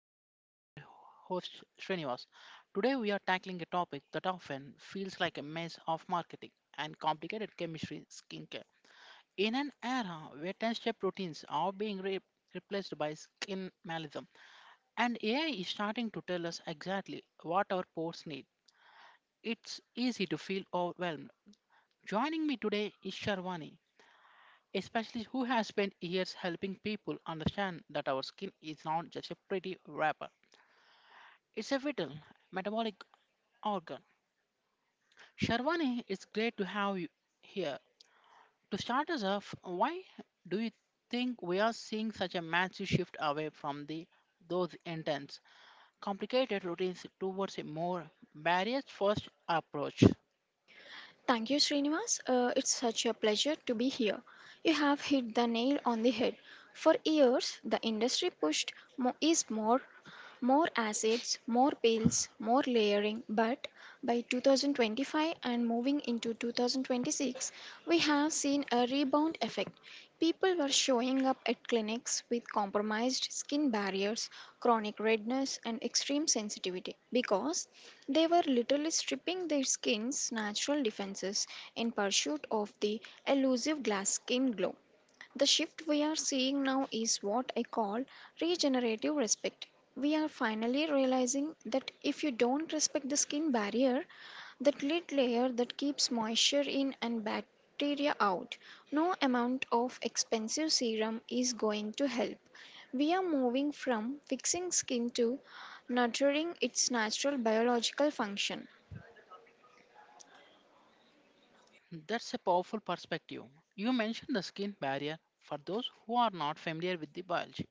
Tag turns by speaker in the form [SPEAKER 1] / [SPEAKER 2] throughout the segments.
[SPEAKER 1] everyone. I am your host, Srinivas. Today, we are tackling a topic that often feels like a mess of marketing and complicated chemistry skincare. In an era where 10 step routines are being replaced by skin minimalism, and AI is starting to tell us exactly what our pores need, it's easy to feel overwhelmed. Joining me today is Sharwani, a specialist who has spent years helping people understand that our skin is not just a pretty wrapper. It's a vital metabolic organ. Sharwani, it's great to have you here. To start us off, why do you think we are seeing such a massive shift away from the those intense, complicated routines towards a more barriers-first approach?
[SPEAKER 2] Thank you, Srinivas. It's such a pleasure to be here. You have hit the nail on the head. For years, the industry pushed more acids, more pills, more layering. But by 2025 and moving into 2026, we have seen a rebound effect. People were showing up at clinics with compromised skin barriers, chronic redness, and extreme sensitivity because they were literally stripping their skin's natural defenses in pursuit of the elusive glass skin glow. The shift we are seeing now is what I call regenerative respect. We are finally realizing that if you don't respect the skin barrier, that lid layer that keeps moisture in and bacteria out, no amount of expensive serum is going to help. We are moving from fixing skin to nurturing its natural biological function.
[SPEAKER 1] That's a powerful perspective. You mentioned the skin barrier for those who are not familiar with the biology.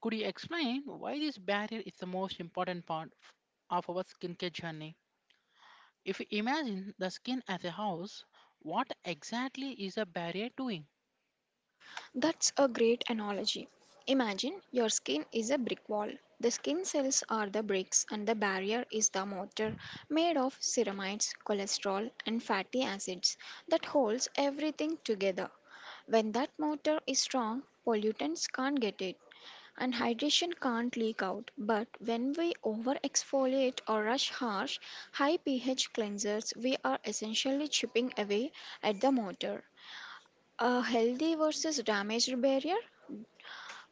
[SPEAKER 1] Could you explain why this barrier is the most important part of our skincare journey? If you imagine the skin as a house, what exactly is a barrier doing?
[SPEAKER 2] That's a great analogy. Imagine your skin is a brick wall. The skin cells are the bricks, and the barrier is the mortar made of ceramides, cholesterol, and fatty acids that holds everything together. When that motor is strong, pollutants can't get it and hydration can't leak out. But when we over exfoliate or rush harsh, high pH cleansers, we are essentially chipping away at the motor. A healthy versus damaged barrier?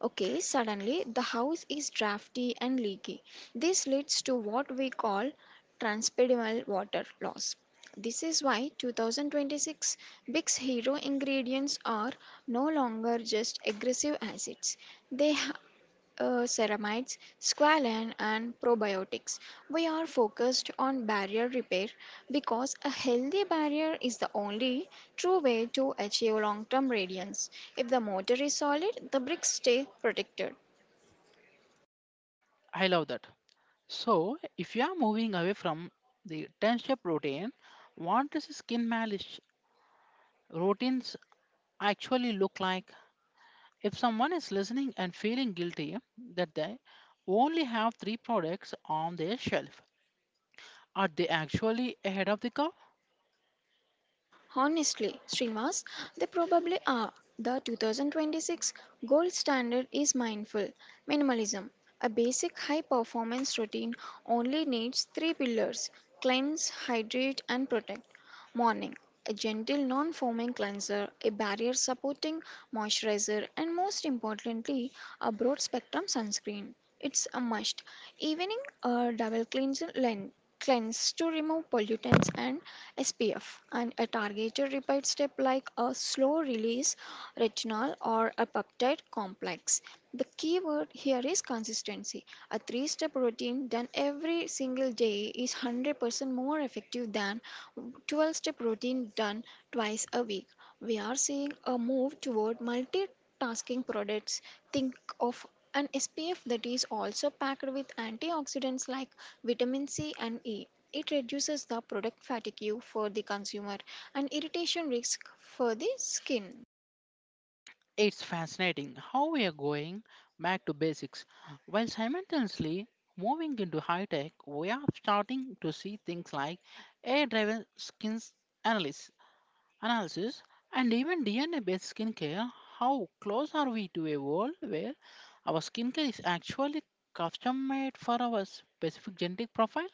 [SPEAKER 2] Okay, suddenly the house is drafty and leaky. This leads to what we call transpyramidal water loss. This is why 2026 Big's hero ingredients are no longer just aggressive acids. They Ceramides, squalene, and probiotics. We are focused on barrier repair because a healthy barrier is the only true way to achieve long term radiance. If the mortar is solid, the bricks stay protected.
[SPEAKER 1] I love that. So, if you are moving away from the 10 step routine, what does skin malice routines actually look like? If someone is listening and feeling guilty that they only have three products on their shelf, are they actually ahead of the curve?
[SPEAKER 2] Honestly, Srimas, they probably are. The 2026 gold standard is mindful minimalism. A basic high performance routine only needs three pillars: cleanse, hydrate, and protect. Morning, a gentle non foaming cleanser, a barrier supporting moisturizer, and most importantly, a broad spectrum sunscreen. It's a must, even in a double cleanse lens cleanse to remove pollutants and SPF, and a targeted repair step like a slow release retinol or a peptide complex. The key word here is consistency. A three step routine done every single day is 100% more effective than 12 step routine done twice a week. We are seeing a move toward multitasking products. Think of an SPF that is also packed with antioxidants like vitamin C and E. It reduces the product fatigue for the consumer and irritation risk for the skin.
[SPEAKER 1] It's fascinating how we are going back to basics while simultaneously moving into high tech. We are starting to see things like AI driven skin analysis, analysis and even DNA based skincare. How close are we to a world where our skincare is actually custom made for our specific genetic profile?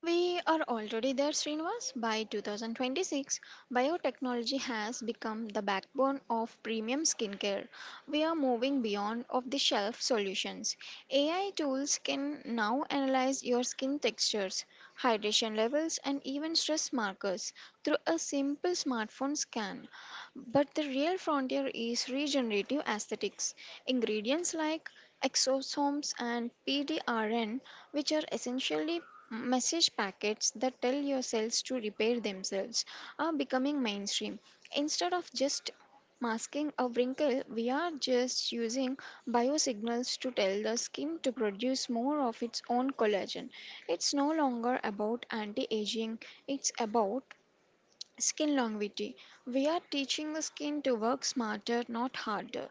[SPEAKER 2] We are already there, Srinivas. By 2026, biotechnology has become the backbone of premium skincare. We are moving beyond off-the-shelf solutions. AI tools can now analyze your skin textures, hydration levels, and even stress markers through a simple smartphone scan. But the real frontier is regenerative aesthetics. Ingredients like exosomes and PDRN, which are essentially message packets that tell your cells to repair themselves, are becoming mainstream. Instead of just masking a wrinkle, we are just using biosignals to tell the skin to produce more of its own collagen. It's no longer about anti aging, it's about skin longevity. We are teaching the skin to work smarter, not harder.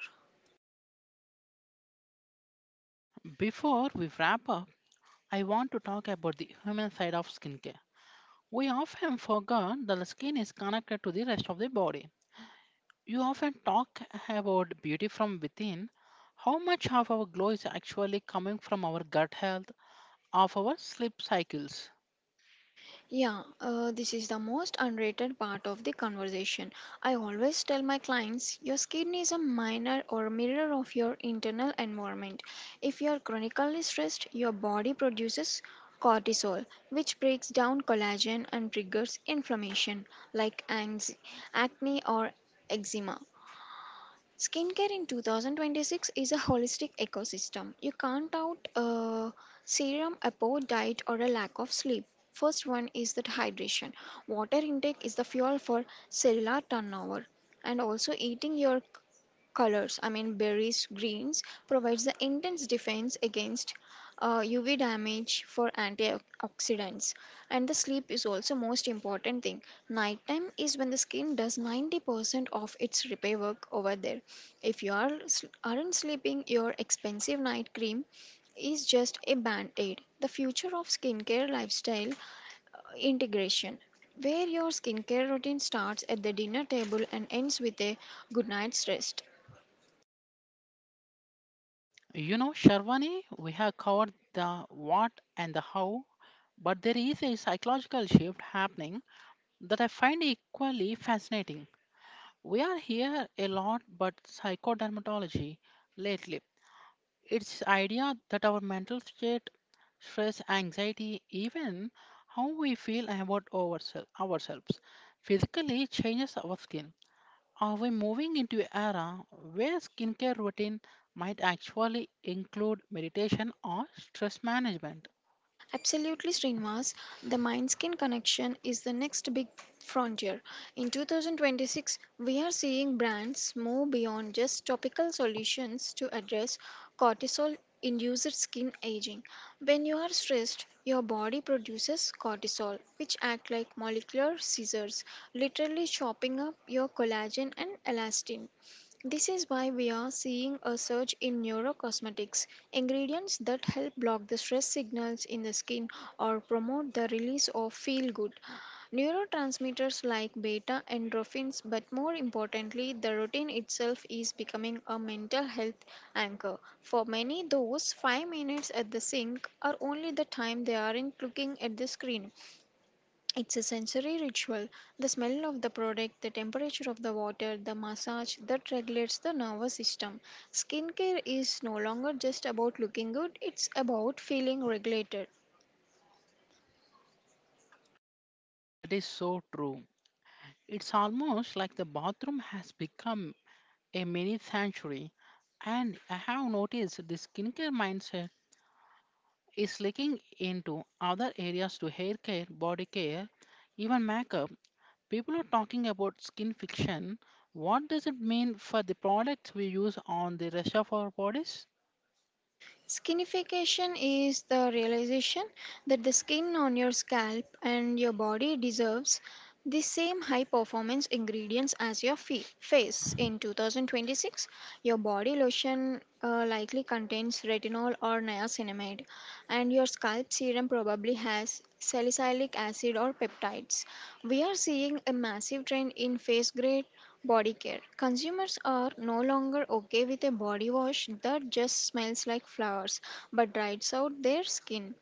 [SPEAKER 1] Before we wrap up, I want to talk about the human side of skincare. We often forget that the skin is connected to the rest of the body. You often talk about beauty from within. How much of our glow is actually coming from our gut health, of our sleep cycles?
[SPEAKER 2] Yeah, this is the most unrated part of the conversation. I always tell my clients your skin is a mirror or mirror of your internal environment. If you are chronically stressed, your body produces cortisol, which breaks down collagen and triggers inflammation like acne or eczema. Skincare in 2026 is a holistic ecosystem. You can't out a serum, a poor diet, or a lack of sleep. First one is that hydration. Water intake is the fuel for cellular turnover, and also eating your colors, I mean berries, greens, provides the intense defense against uv damage for antioxidants. And the sleep is also most important thing. Nighttime is when the skin does 90% of its repair work over there. If you are aren't sleeping, your expensive night cream is just a band-aid. The future of skincare lifestyle integration, where your skincare routine starts at the dinner table and ends with a good night's rest.
[SPEAKER 1] You know, Sharvani, we have covered the what and the how, but there is a psychological shift happening that I find equally fascinating. We are here a lot, but psychodermatology lately. It's idea that our mental state, stress, anxiety, even how we feel about ourselves, physically changes our skin. Are we moving into an era where skincare routine might actually include meditation or stress management?
[SPEAKER 2] Absolutely, Srinivas. The mind skin connection is the next big frontier. In 2026, we are seeing brands move beyond just topical solutions to address cortisol induced skin aging. When you are stressed, your body produces cortisol, which act like molecular scissors, literally chopping up your collagen and elastin. This is why we are seeing a surge in neurocosmetics, ingredients that help block the stress signals in the skin or promote the release of feel good neurotransmitters like beta endorphins, but more importantly, the routine itself is becoming a mental health anchor. For many, those 5 minutes at the sink are only the time they aren't looking at the screen. It's a sensory ritual. The smell of the product, the temperature of the water, the massage that regulates the nervous system. Skincare is no longer just about looking good, it's about feeling regulated.
[SPEAKER 1] That is so true. It's almost like the bathroom has become a mini sanctuary, and I have noticed the skincare mindset is leaking into other areas to hair care, body care, even makeup. People are talking about skin fiction. What does it mean for the products we use on the rest of our bodies?
[SPEAKER 2] Skinification is the realization that the skin on your scalp and your body deserves the same high performance ingredients as your face. In 2026, your body lotion likely contains retinol or niacinamide, and your scalp serum probably has salicylic acid or peptides. We are seeing a massive trend in face grade body care. Consumers are no longer okay with a body wash that just smells like flowers but dries out their skin.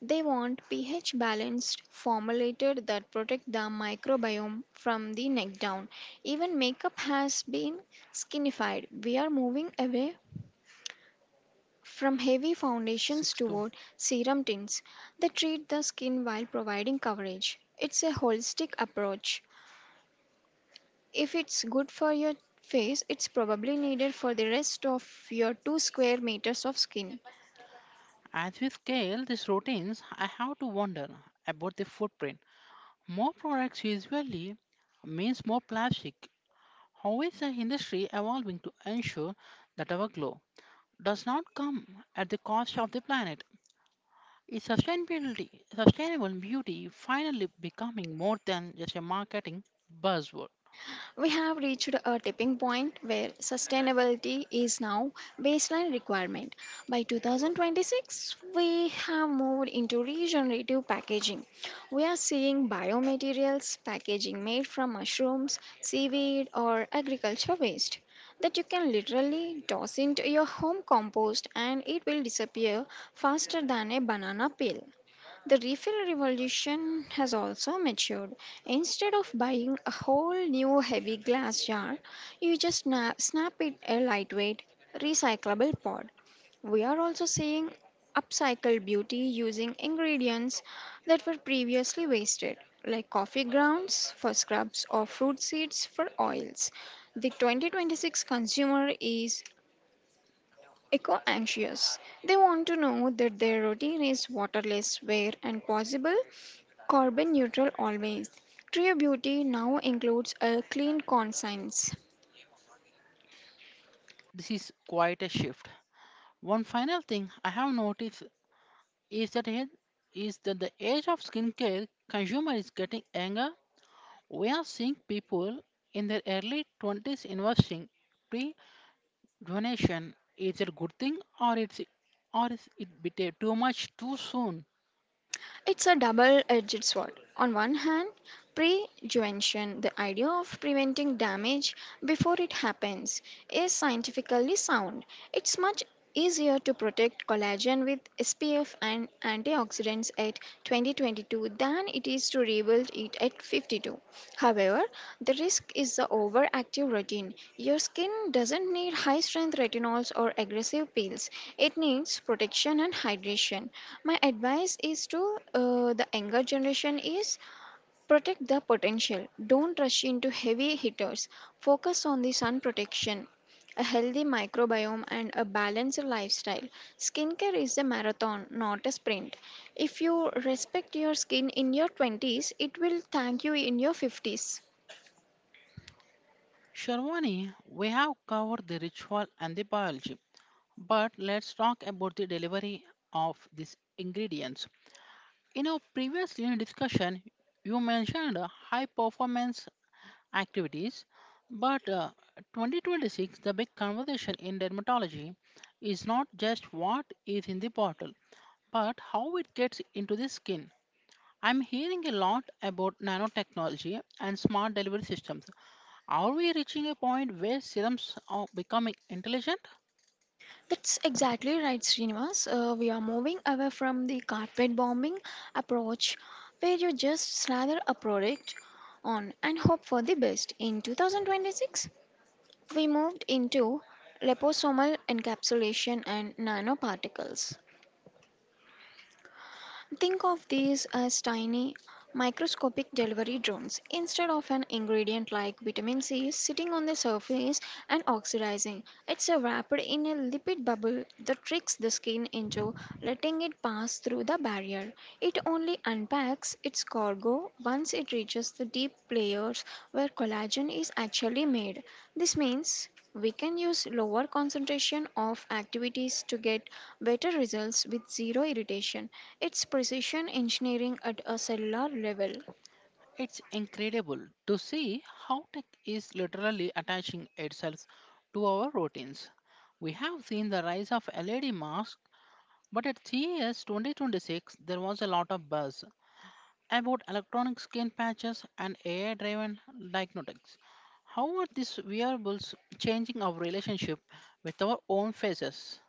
[SPEAKER 2] They want pH balanced formulated that protect the microbiome from the neck down. Even makeup has been skinified. We are moving away from heavy foundations
[SPEAKER 1] Sixth one.
[SPEAKER 2] toward serum tints that treat the skin while providing coverage. It's a holistic approach. If it's good for your face, it's probably needed for the rest of your 2 square meters of skin.
[SPEAKER 1] As we scale these routines, I have to wonder about the footprint. More products usually means more plastic. How is the industry evolving to ensure that our glow does not come at the cost of the planet? Is sustainable beauty finally becoming more than just a marketing buzzword?
[SPEAKER 2] We have reached a tipping point where sustainability is now baseline requirement. By 2026, we have moved into regenerative packaging. We are seeing biomaterials packaging made from mushrooms, seaweed, or agriculture waste that you can literally toss into your home compost and it will disappear faster than a banana peel. The refill revolution has also matured. Instead of buying a whole new heavy glass jar, you just snap it a lightweight, recyclable pod. We are also seeing upcycled beauty using ingredients that were previously wasted, like coffee grounds for scrubs or fruit seeds for oils. The 2026 consumer is eco anxious. They want to know that their routine is waterless, where, and possible. Carbon neutral always. True beauty now includes a clean conscience.
[SPEAKER 1] This is quite a shift. One final thing I have noticed is that it- is that the age of skincare consumer is getting younger. We are seeing people in their early 20s investing pre-donation. Is it a good thing or is it bit too much too soon?
[SPEAKER 2] It's a double edged sword. On one hand, prevention, the idea of preventing damage before it happens, is scientifically sound. It's much easier to protect collagen with SPF and antioxidants at 2022 than it is to rebuild it at 52. However, the risk is the overactive routine. Your skin doesn't need high strength retinols or aggressive peels, it needs protection and hydration. My advice is to the younger generation is protect the potential. Don't rush into heavy hitters. Focus on the sun protection, a healthy microbiome, and a balanced lifestyle. Skincare is a marathon, not a sprint. If you respect your skin in your 20s, it will thank you in your 50s.
[SPEAKER 1] Sharwani, we have covered the ritual and the biology. But let's talk about the delivery of these ingredients. In our previous discussion, you mentioned high performance activities, but 2026, the big conversation in dermatology is not just what is in the bottle, but how it gets into the skin. I'm hearing a lot about nanotechnology and smart delivery systems. Are we reaching a point where serums are becoming intelligent?
[SPEAKER 2] That's exactly right, Srinivas. We are moving away from the carpet bombing approach where you just slather a product on and hope for the best. In 2026, we moved into liposomal encapsulation and nanoparticles. Think of these as tiny microscopic delivery drones. Instead of an ingredient like vitamin C sitting on the surface and oxidizing, it's wrapped in a lipid bubble that tricks the skin into letting it pass through the barrier. It only unpacks its cargo once it reaches the deep layers where collagen is actually made. This means we can use lower concentration of activities to get better results with zero irritation. It's precision engineering at a cellular level.
[SPEAKER 1] It's incredible to see how tech is literally attaching itself to our routines. We have seen the rise of LED masks, but at CES 2026 there was a lot of buzz about electronic skin patches and AI driven diagnostics. How are these wearables changing our relationship with our own faces?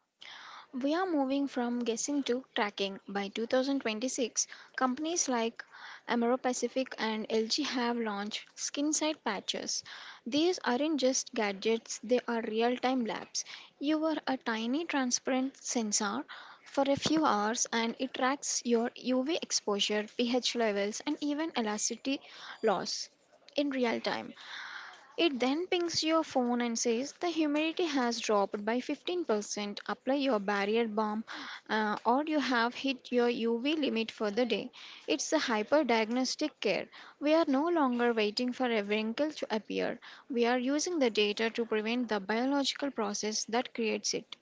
[SPEAKER 2] We are moving from guessing to tracking. By 2026, companies like Amaro Pacific and LG have launched skin side patches. These aren't just gadgets, they are real time labs. You wear a tiny transparent sensor for a few hours and it tracks your UV exposure, pH levels, and even elasticity loss in real time. It then pings your phone and says the humidity has dropped by 15%. Apply your barrier balm, or you have hit your UV limit for the day. It's a hyper diagnostic care. We are no longer waiting for a wrinkle to appear. We are using the data to prevent the biological process that creates it.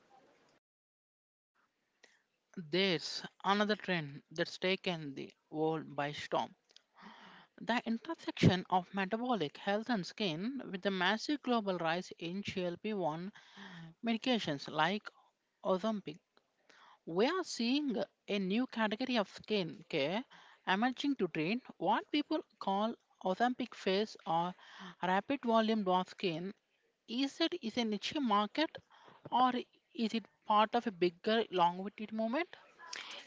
[SPEAKER 1] There's another trend that's taken the world by storm. The intersection of metabolic health and skin with the massive global rise in GLP-1 medications like Ozempic, we are seeing a new category of skin care emerging to treat what people call Ozempic face or rapid volume dwarf skin. Is a niche market or is it part of a bigger long-winded movement?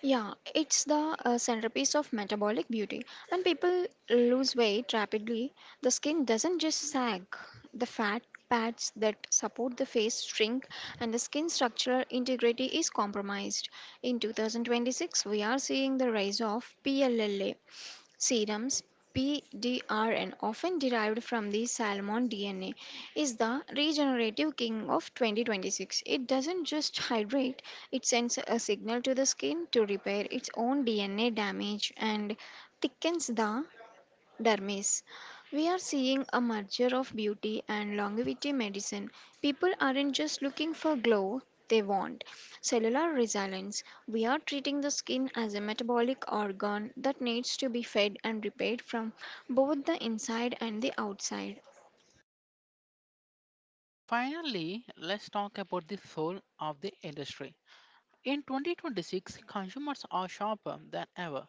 [SPEAKER 2] Yeah, it's the centerpiece of metabolic beauty. When people lose weight rapidly, the skin doesn't just sag, the fat pads that support the face shrink, and the skin structural integrity is compromised. In 2026, we are seeing the rise of PLLA, serums, PDR, and often derived from the salmon DNA, is the regenerative king of 2026. It doesn't just hydrate, it sends a signal to the skin to repair its own DNA damage and thickens the dermis. We are seeing a merger of beauty and longevity medicine. People aren't just looking for glow, they want cellular resilience. We are treating the skin as a metabolic organ that needs to be fed and repaired from both the inside and the outside.
[SPEAKER 1] Finally, let's talk about the soul of the industry. In 2026, consumers are sharper than ever.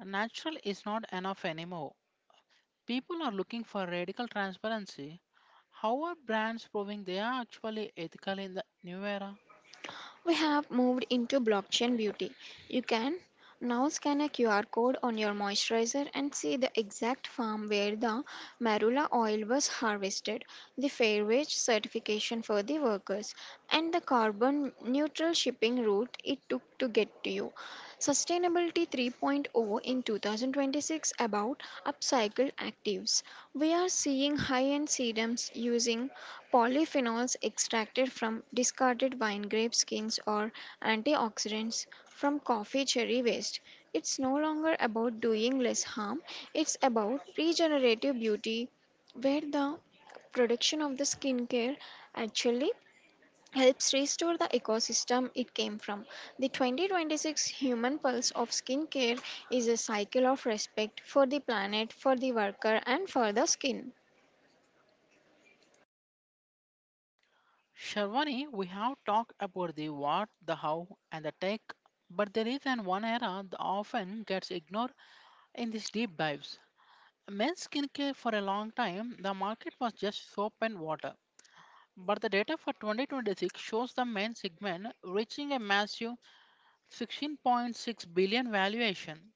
[SPEAKER 1] Natural is not enough anymore. People are looking for radical transparency. How are brands proving they are actually ethical in the new era?
[SPEAKER 2] We have moved into blockchain beauty. You can now scan a QR code on your moisturizer and see the exact farm where the marula oil was harvested, the fair wage certification for the workers, and the carbon neutral shipping route it took to get to you. Sustainability 3.0 in 2026 about upcycled actives. We are seeing high end sedums using polyphenols extracted from discarded wine grape skins or antioxidants from coffee cherry waste. It's no longer about doing less harm, it's about regenerative beauty, where the production of the skincare actually helps restore the ecosystem it came from. The 2026 Human Pulse of Skincare is a cycle of respect for the planet, for the worker, and for the skin.
[SPEAKER 1] Sharwani, we have talked about the what, the how, and the tech, but there is an one era that often gets ignored in these deep dives. Men's skincare for a long time, the market was just soap and water. But the data for 2026 shows the men's segment reaching a massive 16.6 billion valuation.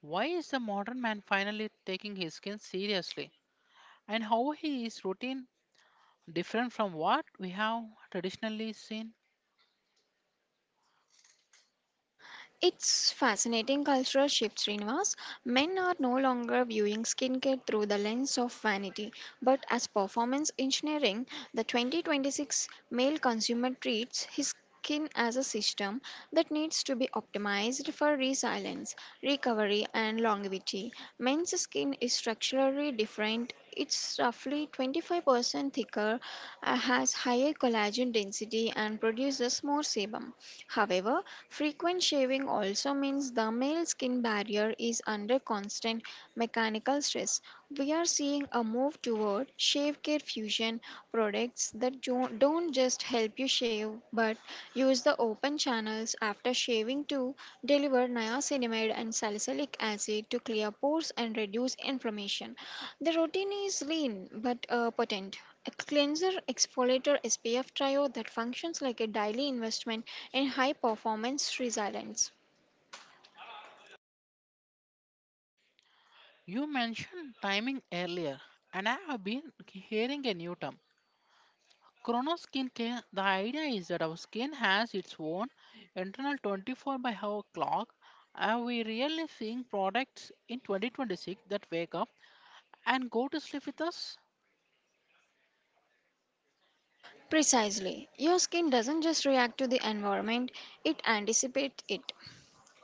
[SPEAKER 1] Why is the modern man finally taking his skin seriously? And how he is routine different from what we have traditionally seen?
[SPEAKER 2] It's fascinating cultural shift, Srinivas. Men are no longer viewing skincare through the lens of vanity, but as performance engineering. The 2026 male consumer treats his skin as a system that needs to be optimized for resilience, recovery, and longevity. Men's skin is structurally different. It's roughly 25% thicker, has higher collagen density, and produces more sebum. However, frequent shaving also means the male skin barrier is under constant mechanical stress. We are seeing a move toward shave care fusion products that don't just help you shave but use the open channels after shaving to deliver niacinamide and salicylic acid to clear pores and reduce inflammation. The routine is lean but potent. A cleanser exfoliator SPF trio that functions like a daily investment and high performance resilience.
[SPEAKER 1] You mentioned timing earlier, and I have been hearing a new term. Chrono skincare, the idea is that our skin has its own internal 24 by hour clock. Are we really seeing products in 2026 that wake up and go to sleep with us?
[SPEAKER 2] Precisely. Your skin doesn't just react to the environment, it anticipates it.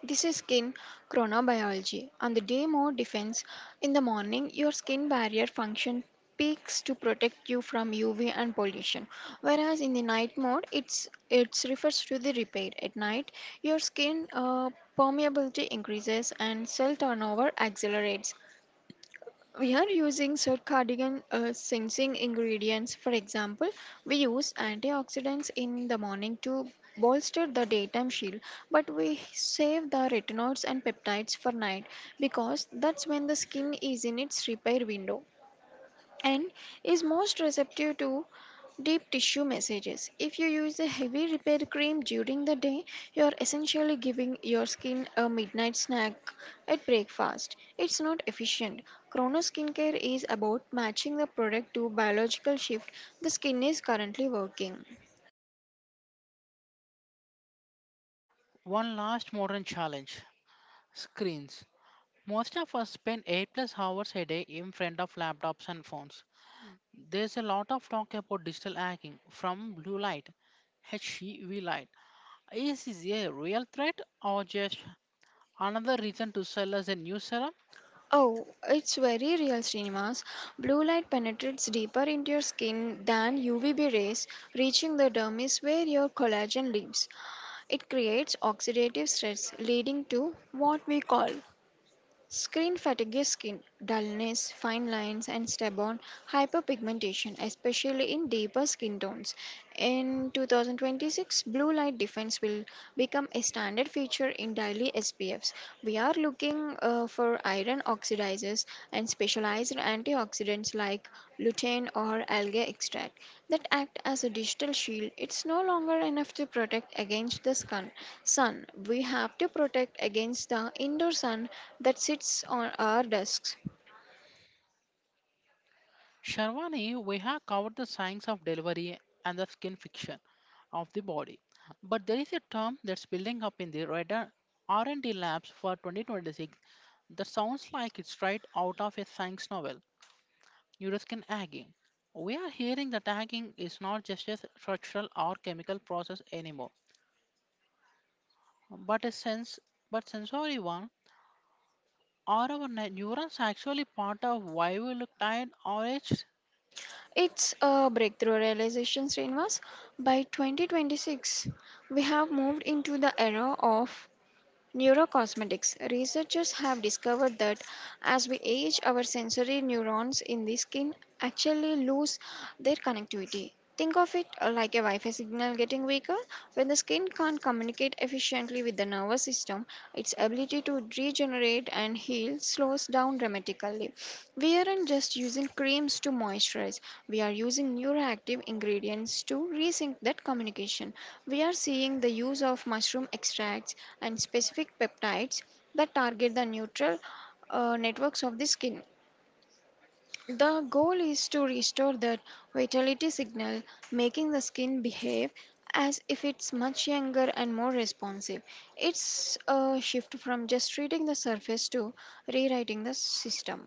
[SPEAKER 2] This is skin chronobiology. On the day more defense, in the morning, your skin barrier function peaks to protect you from UV and pollution. Whereas in the night mode, it refers to the repair. At night, your skin permeability increases and cell turnover accelerates. We are using circadian sensing ingredients. For example, we use antioxidants in the morning to bolster the daytime shield, but we save the retinoids and peptides for night because that's when the skin is in its repair window and is most receptive to deep tissue messages. If you use a heavy repair cream during the day, you are essentially giving your skin a midnight snack at breakfast. It's not efficient. Chrono skincare is about matching the product to biological shift the skin is currently working.
[SPEAKER 1] One last modern challenge. Screens. Most of us spend 8 plus hours a day in front of laptops and phones. There's a lot of talk about digital hacking from blue light, HEV light. Is this a real threat or just another reason to sell us a new serum?
[SPEAKER 2] Oh, it's very real, Srinivas. Blue light penetrates deeper into your skin than UVB rays, reaching the dermis where your collagen lives. It creates oxidative stress, leading to what we call screen fatigue is skin dullness, fine lines, and stubborn hyperpigmentation, especially in deeper skin tones. In 2026, blue light defense will become a standard feature in daily SPFs. We are looking for iron oxidizes and specialized antioxidants like lutein or algae extract that act as a digital shield. It's no longer enough to protect against the sun. We have to protect against the indoor sun that sits on our desks.
[SPEAKER 1] Sharwani, we have covered the science of delivery and the skin fiction of the body. But there is a term that's building up in the radar R&D labs for 2026 that sounds like it's right out of a science novel. Euroskin aging. We are hearing that aging is not just a structural or chemical process anymore, but but sensory one. Are our neurons actually part of why we look tired or aged?
[SPEAKER 2] It's a breakthrough realization, Srinivas. By 2026, we have moved into the era of neurocosmetics. Researchers have discovered that as we age, our sensory neurons in the skin actually lose their connectivity. Think of it like a Wi Fi signal getting weaker. When the skin can't communicate efficiently with the nervous system, its ability to regenerate and heal slows down dramatically. We aren't just using creams to moisturize, we are using neuroactive ingredients to resync that communication. We are seeing the use of mushroom extracts and specific peptides that target the neutral networks of the skin. The goal is to restore that vitality signal, making the skin behave as if it's much younger and more responsive. It's a shift from just treating the surface to rewriting the system.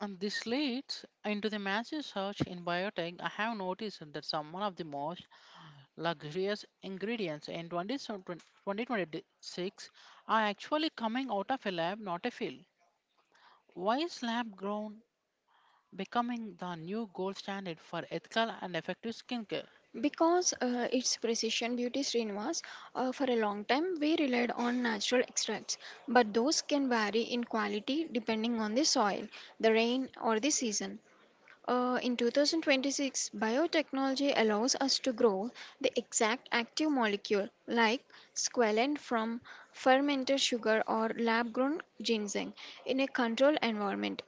[SPEAKER 1] And this leads into the massive search in biotech. I have noticed that some one of the most luxurious ingredients in 2026 are actually coming out of a lab, not a field. Why is lab grown becoming the new gold standard for ethical and effective skincare.
[SPEAKER 2] Because it's precision beauty, Srinivas. For a long time we relied on natural extracts, but those can vary in quality depending on the soil, the rain, or the season. In 2026, biotechnology allows us to grow the exact active molecule like squalene from fermented sugar or lab grown ginseng in a controlled environment.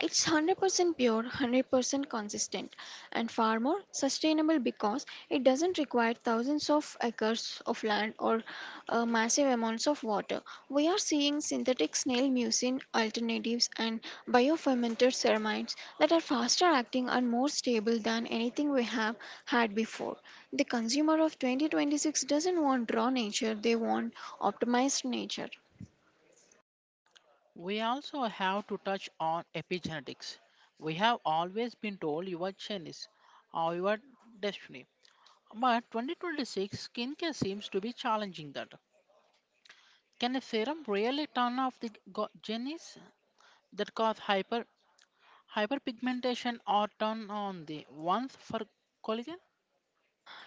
[SPEAKER 2] It's 100% pure, 100% consistent, and far more sustainable because it doesn't require thousands of acres of land or massive amounts of water. We are seeing synthetic snail mucin alternatives and biofermented ceramides that are faster acting and more stable than anything we have had before. The consumer of 2026 doesn't want raw nature, they want optimized nature.
[SPEAKER 1] We also have to touch on epigenetics. We have always been told your gene is or your destiny. But 2026 skincare seems to be challenging that. Can a serum really turn off the genes that cause hyperpigmentation or turn on the ones for collagen?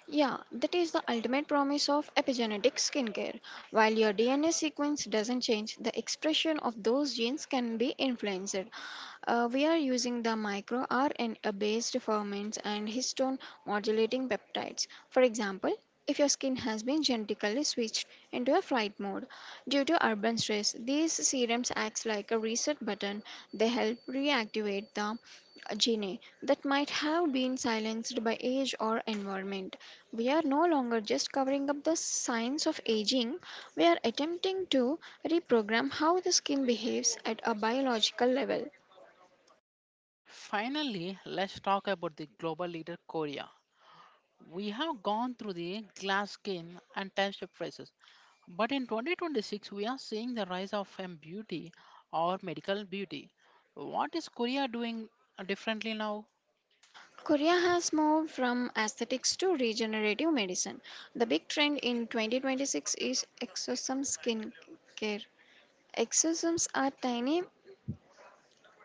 [SPEAKER 2] Yeah, that is the ultimate promise of epigenetic skincare. While your DNA sequence doesn't change, the expression of those genes can be influenced. We are using the micro RNA based ferments and histone modulating peptides. For example, if your skin has been genetically switched into a flight mode due to urban stress, these serums act like a reset button. They help reactivate the a gene that might have been silenced by age or environment. We are no longer just covering up the signs of aging, we are attempting to reprogram how the skin behaves at a biological level.
[SPEAKER 1] Finally, let's talk about the global leader Korea. We have gone through the glass skin and time shift phases, but in 2026 we are seeing the rise of M beauty or medical beauty. What is Korea doing differently now?
[SPEAKER 2] Korea has moved from aesthetics to regenerative medicine. The big trend in 2026 is exosome skin care. Exosomes are tiny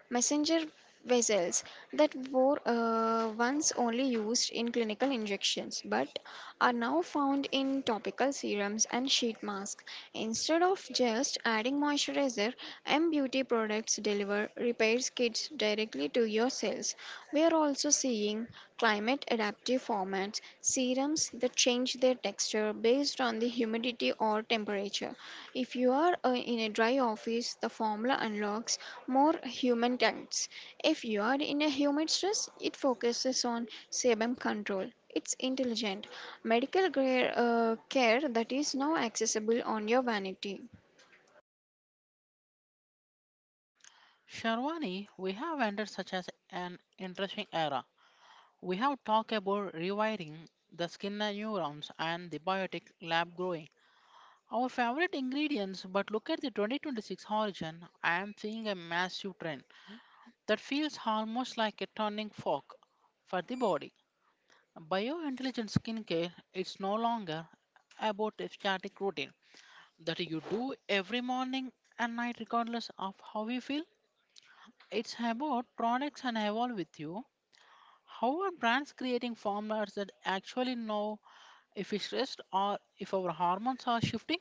[SPEAKER 2] messenger vessels that were once only used in clinical injections but are now found in topical serums and sheet masks. Instead of just adding moisturizer, M Beauty products deliver repair kits directly to your cells. We are also seeing climate adaptive formats, serums that change their texture based on the humidity or temperature. If you are in a dry office, the formula unlocks more human touch. If you are in a humid stress, it focuses on sebum control. It's intelligent medical care, care that is now accessible on your vanity.
[SPEAKER 1] Sharwani, we have entered such as an interesting era. We have talked about rewiring the skin neurons and the biotic lab growing. Our favorite ingredients, but look at the 2026 origin. I am seeing a massive trend that feels almost like a turning fork for the body. Biointelligent skincare it's no longer about a static routine that you do every morning and night regardless of how you feel. It's about products and evolve with you. How are brands creating formulas that actually know if we are stressed or if our hormones are shifting?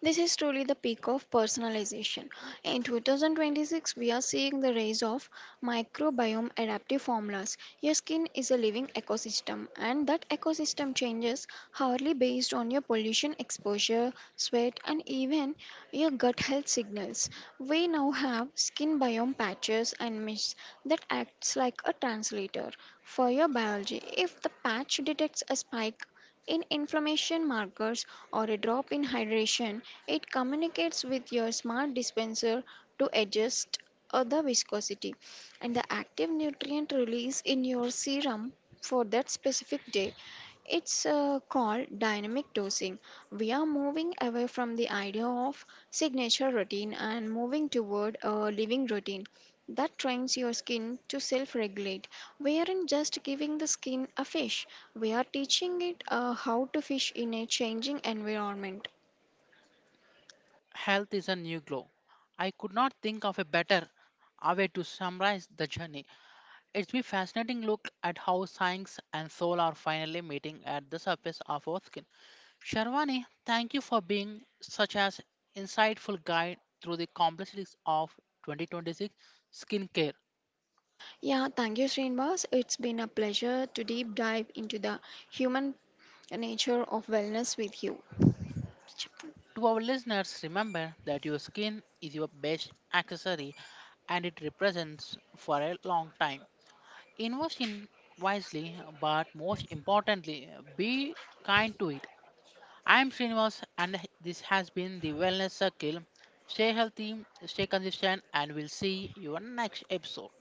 [SPEAKER 2] This is truly the peak of personalization. In 2026, we are seeing the rise of microbiome adaptive formulas. Your skin is a living ecosystem, and that ecosystem changes hourly based on your pollution exposure, sweat, and even your gut health signals. We now have skin biome patches and mists that acts like a translator for your biology. If the patch detects a spike in inflammation markers or a drop in hydration, it communicates with your smart dispenser to adjust the viscosity and the active nutrient release in your serum for that specific day. It's called dynamic dosing. We are moving away from the idea of signature routine and moving toward a living routine that trains your skin to self regulate. We aren't just giving the skin a fish, we are teaching it how to fish in a changing environment.
[SPEAKER 1] Health is a new glow. I could not think of a better a way to summarize the journey. It's been fascinating look at how science and soul are finally meeting at the surface of our skin. Sharwani, thank you for being such an insightful guide through the complexities of 2026 skincare.
[SPEAKER 2] Yeah, thank you, Srinivas. It's been a pleasure to deep dive into the human nature of wellness with you.
[SPEAKER 1] To our listeners, remember that your skin is your best accessory and it represents for a long time. Invest in wisely, but most importantly, be kind to it. I am Srinivas, and this has been the Wellness Circle. Stay healthy, stay consistent, and we'll see you on next episode.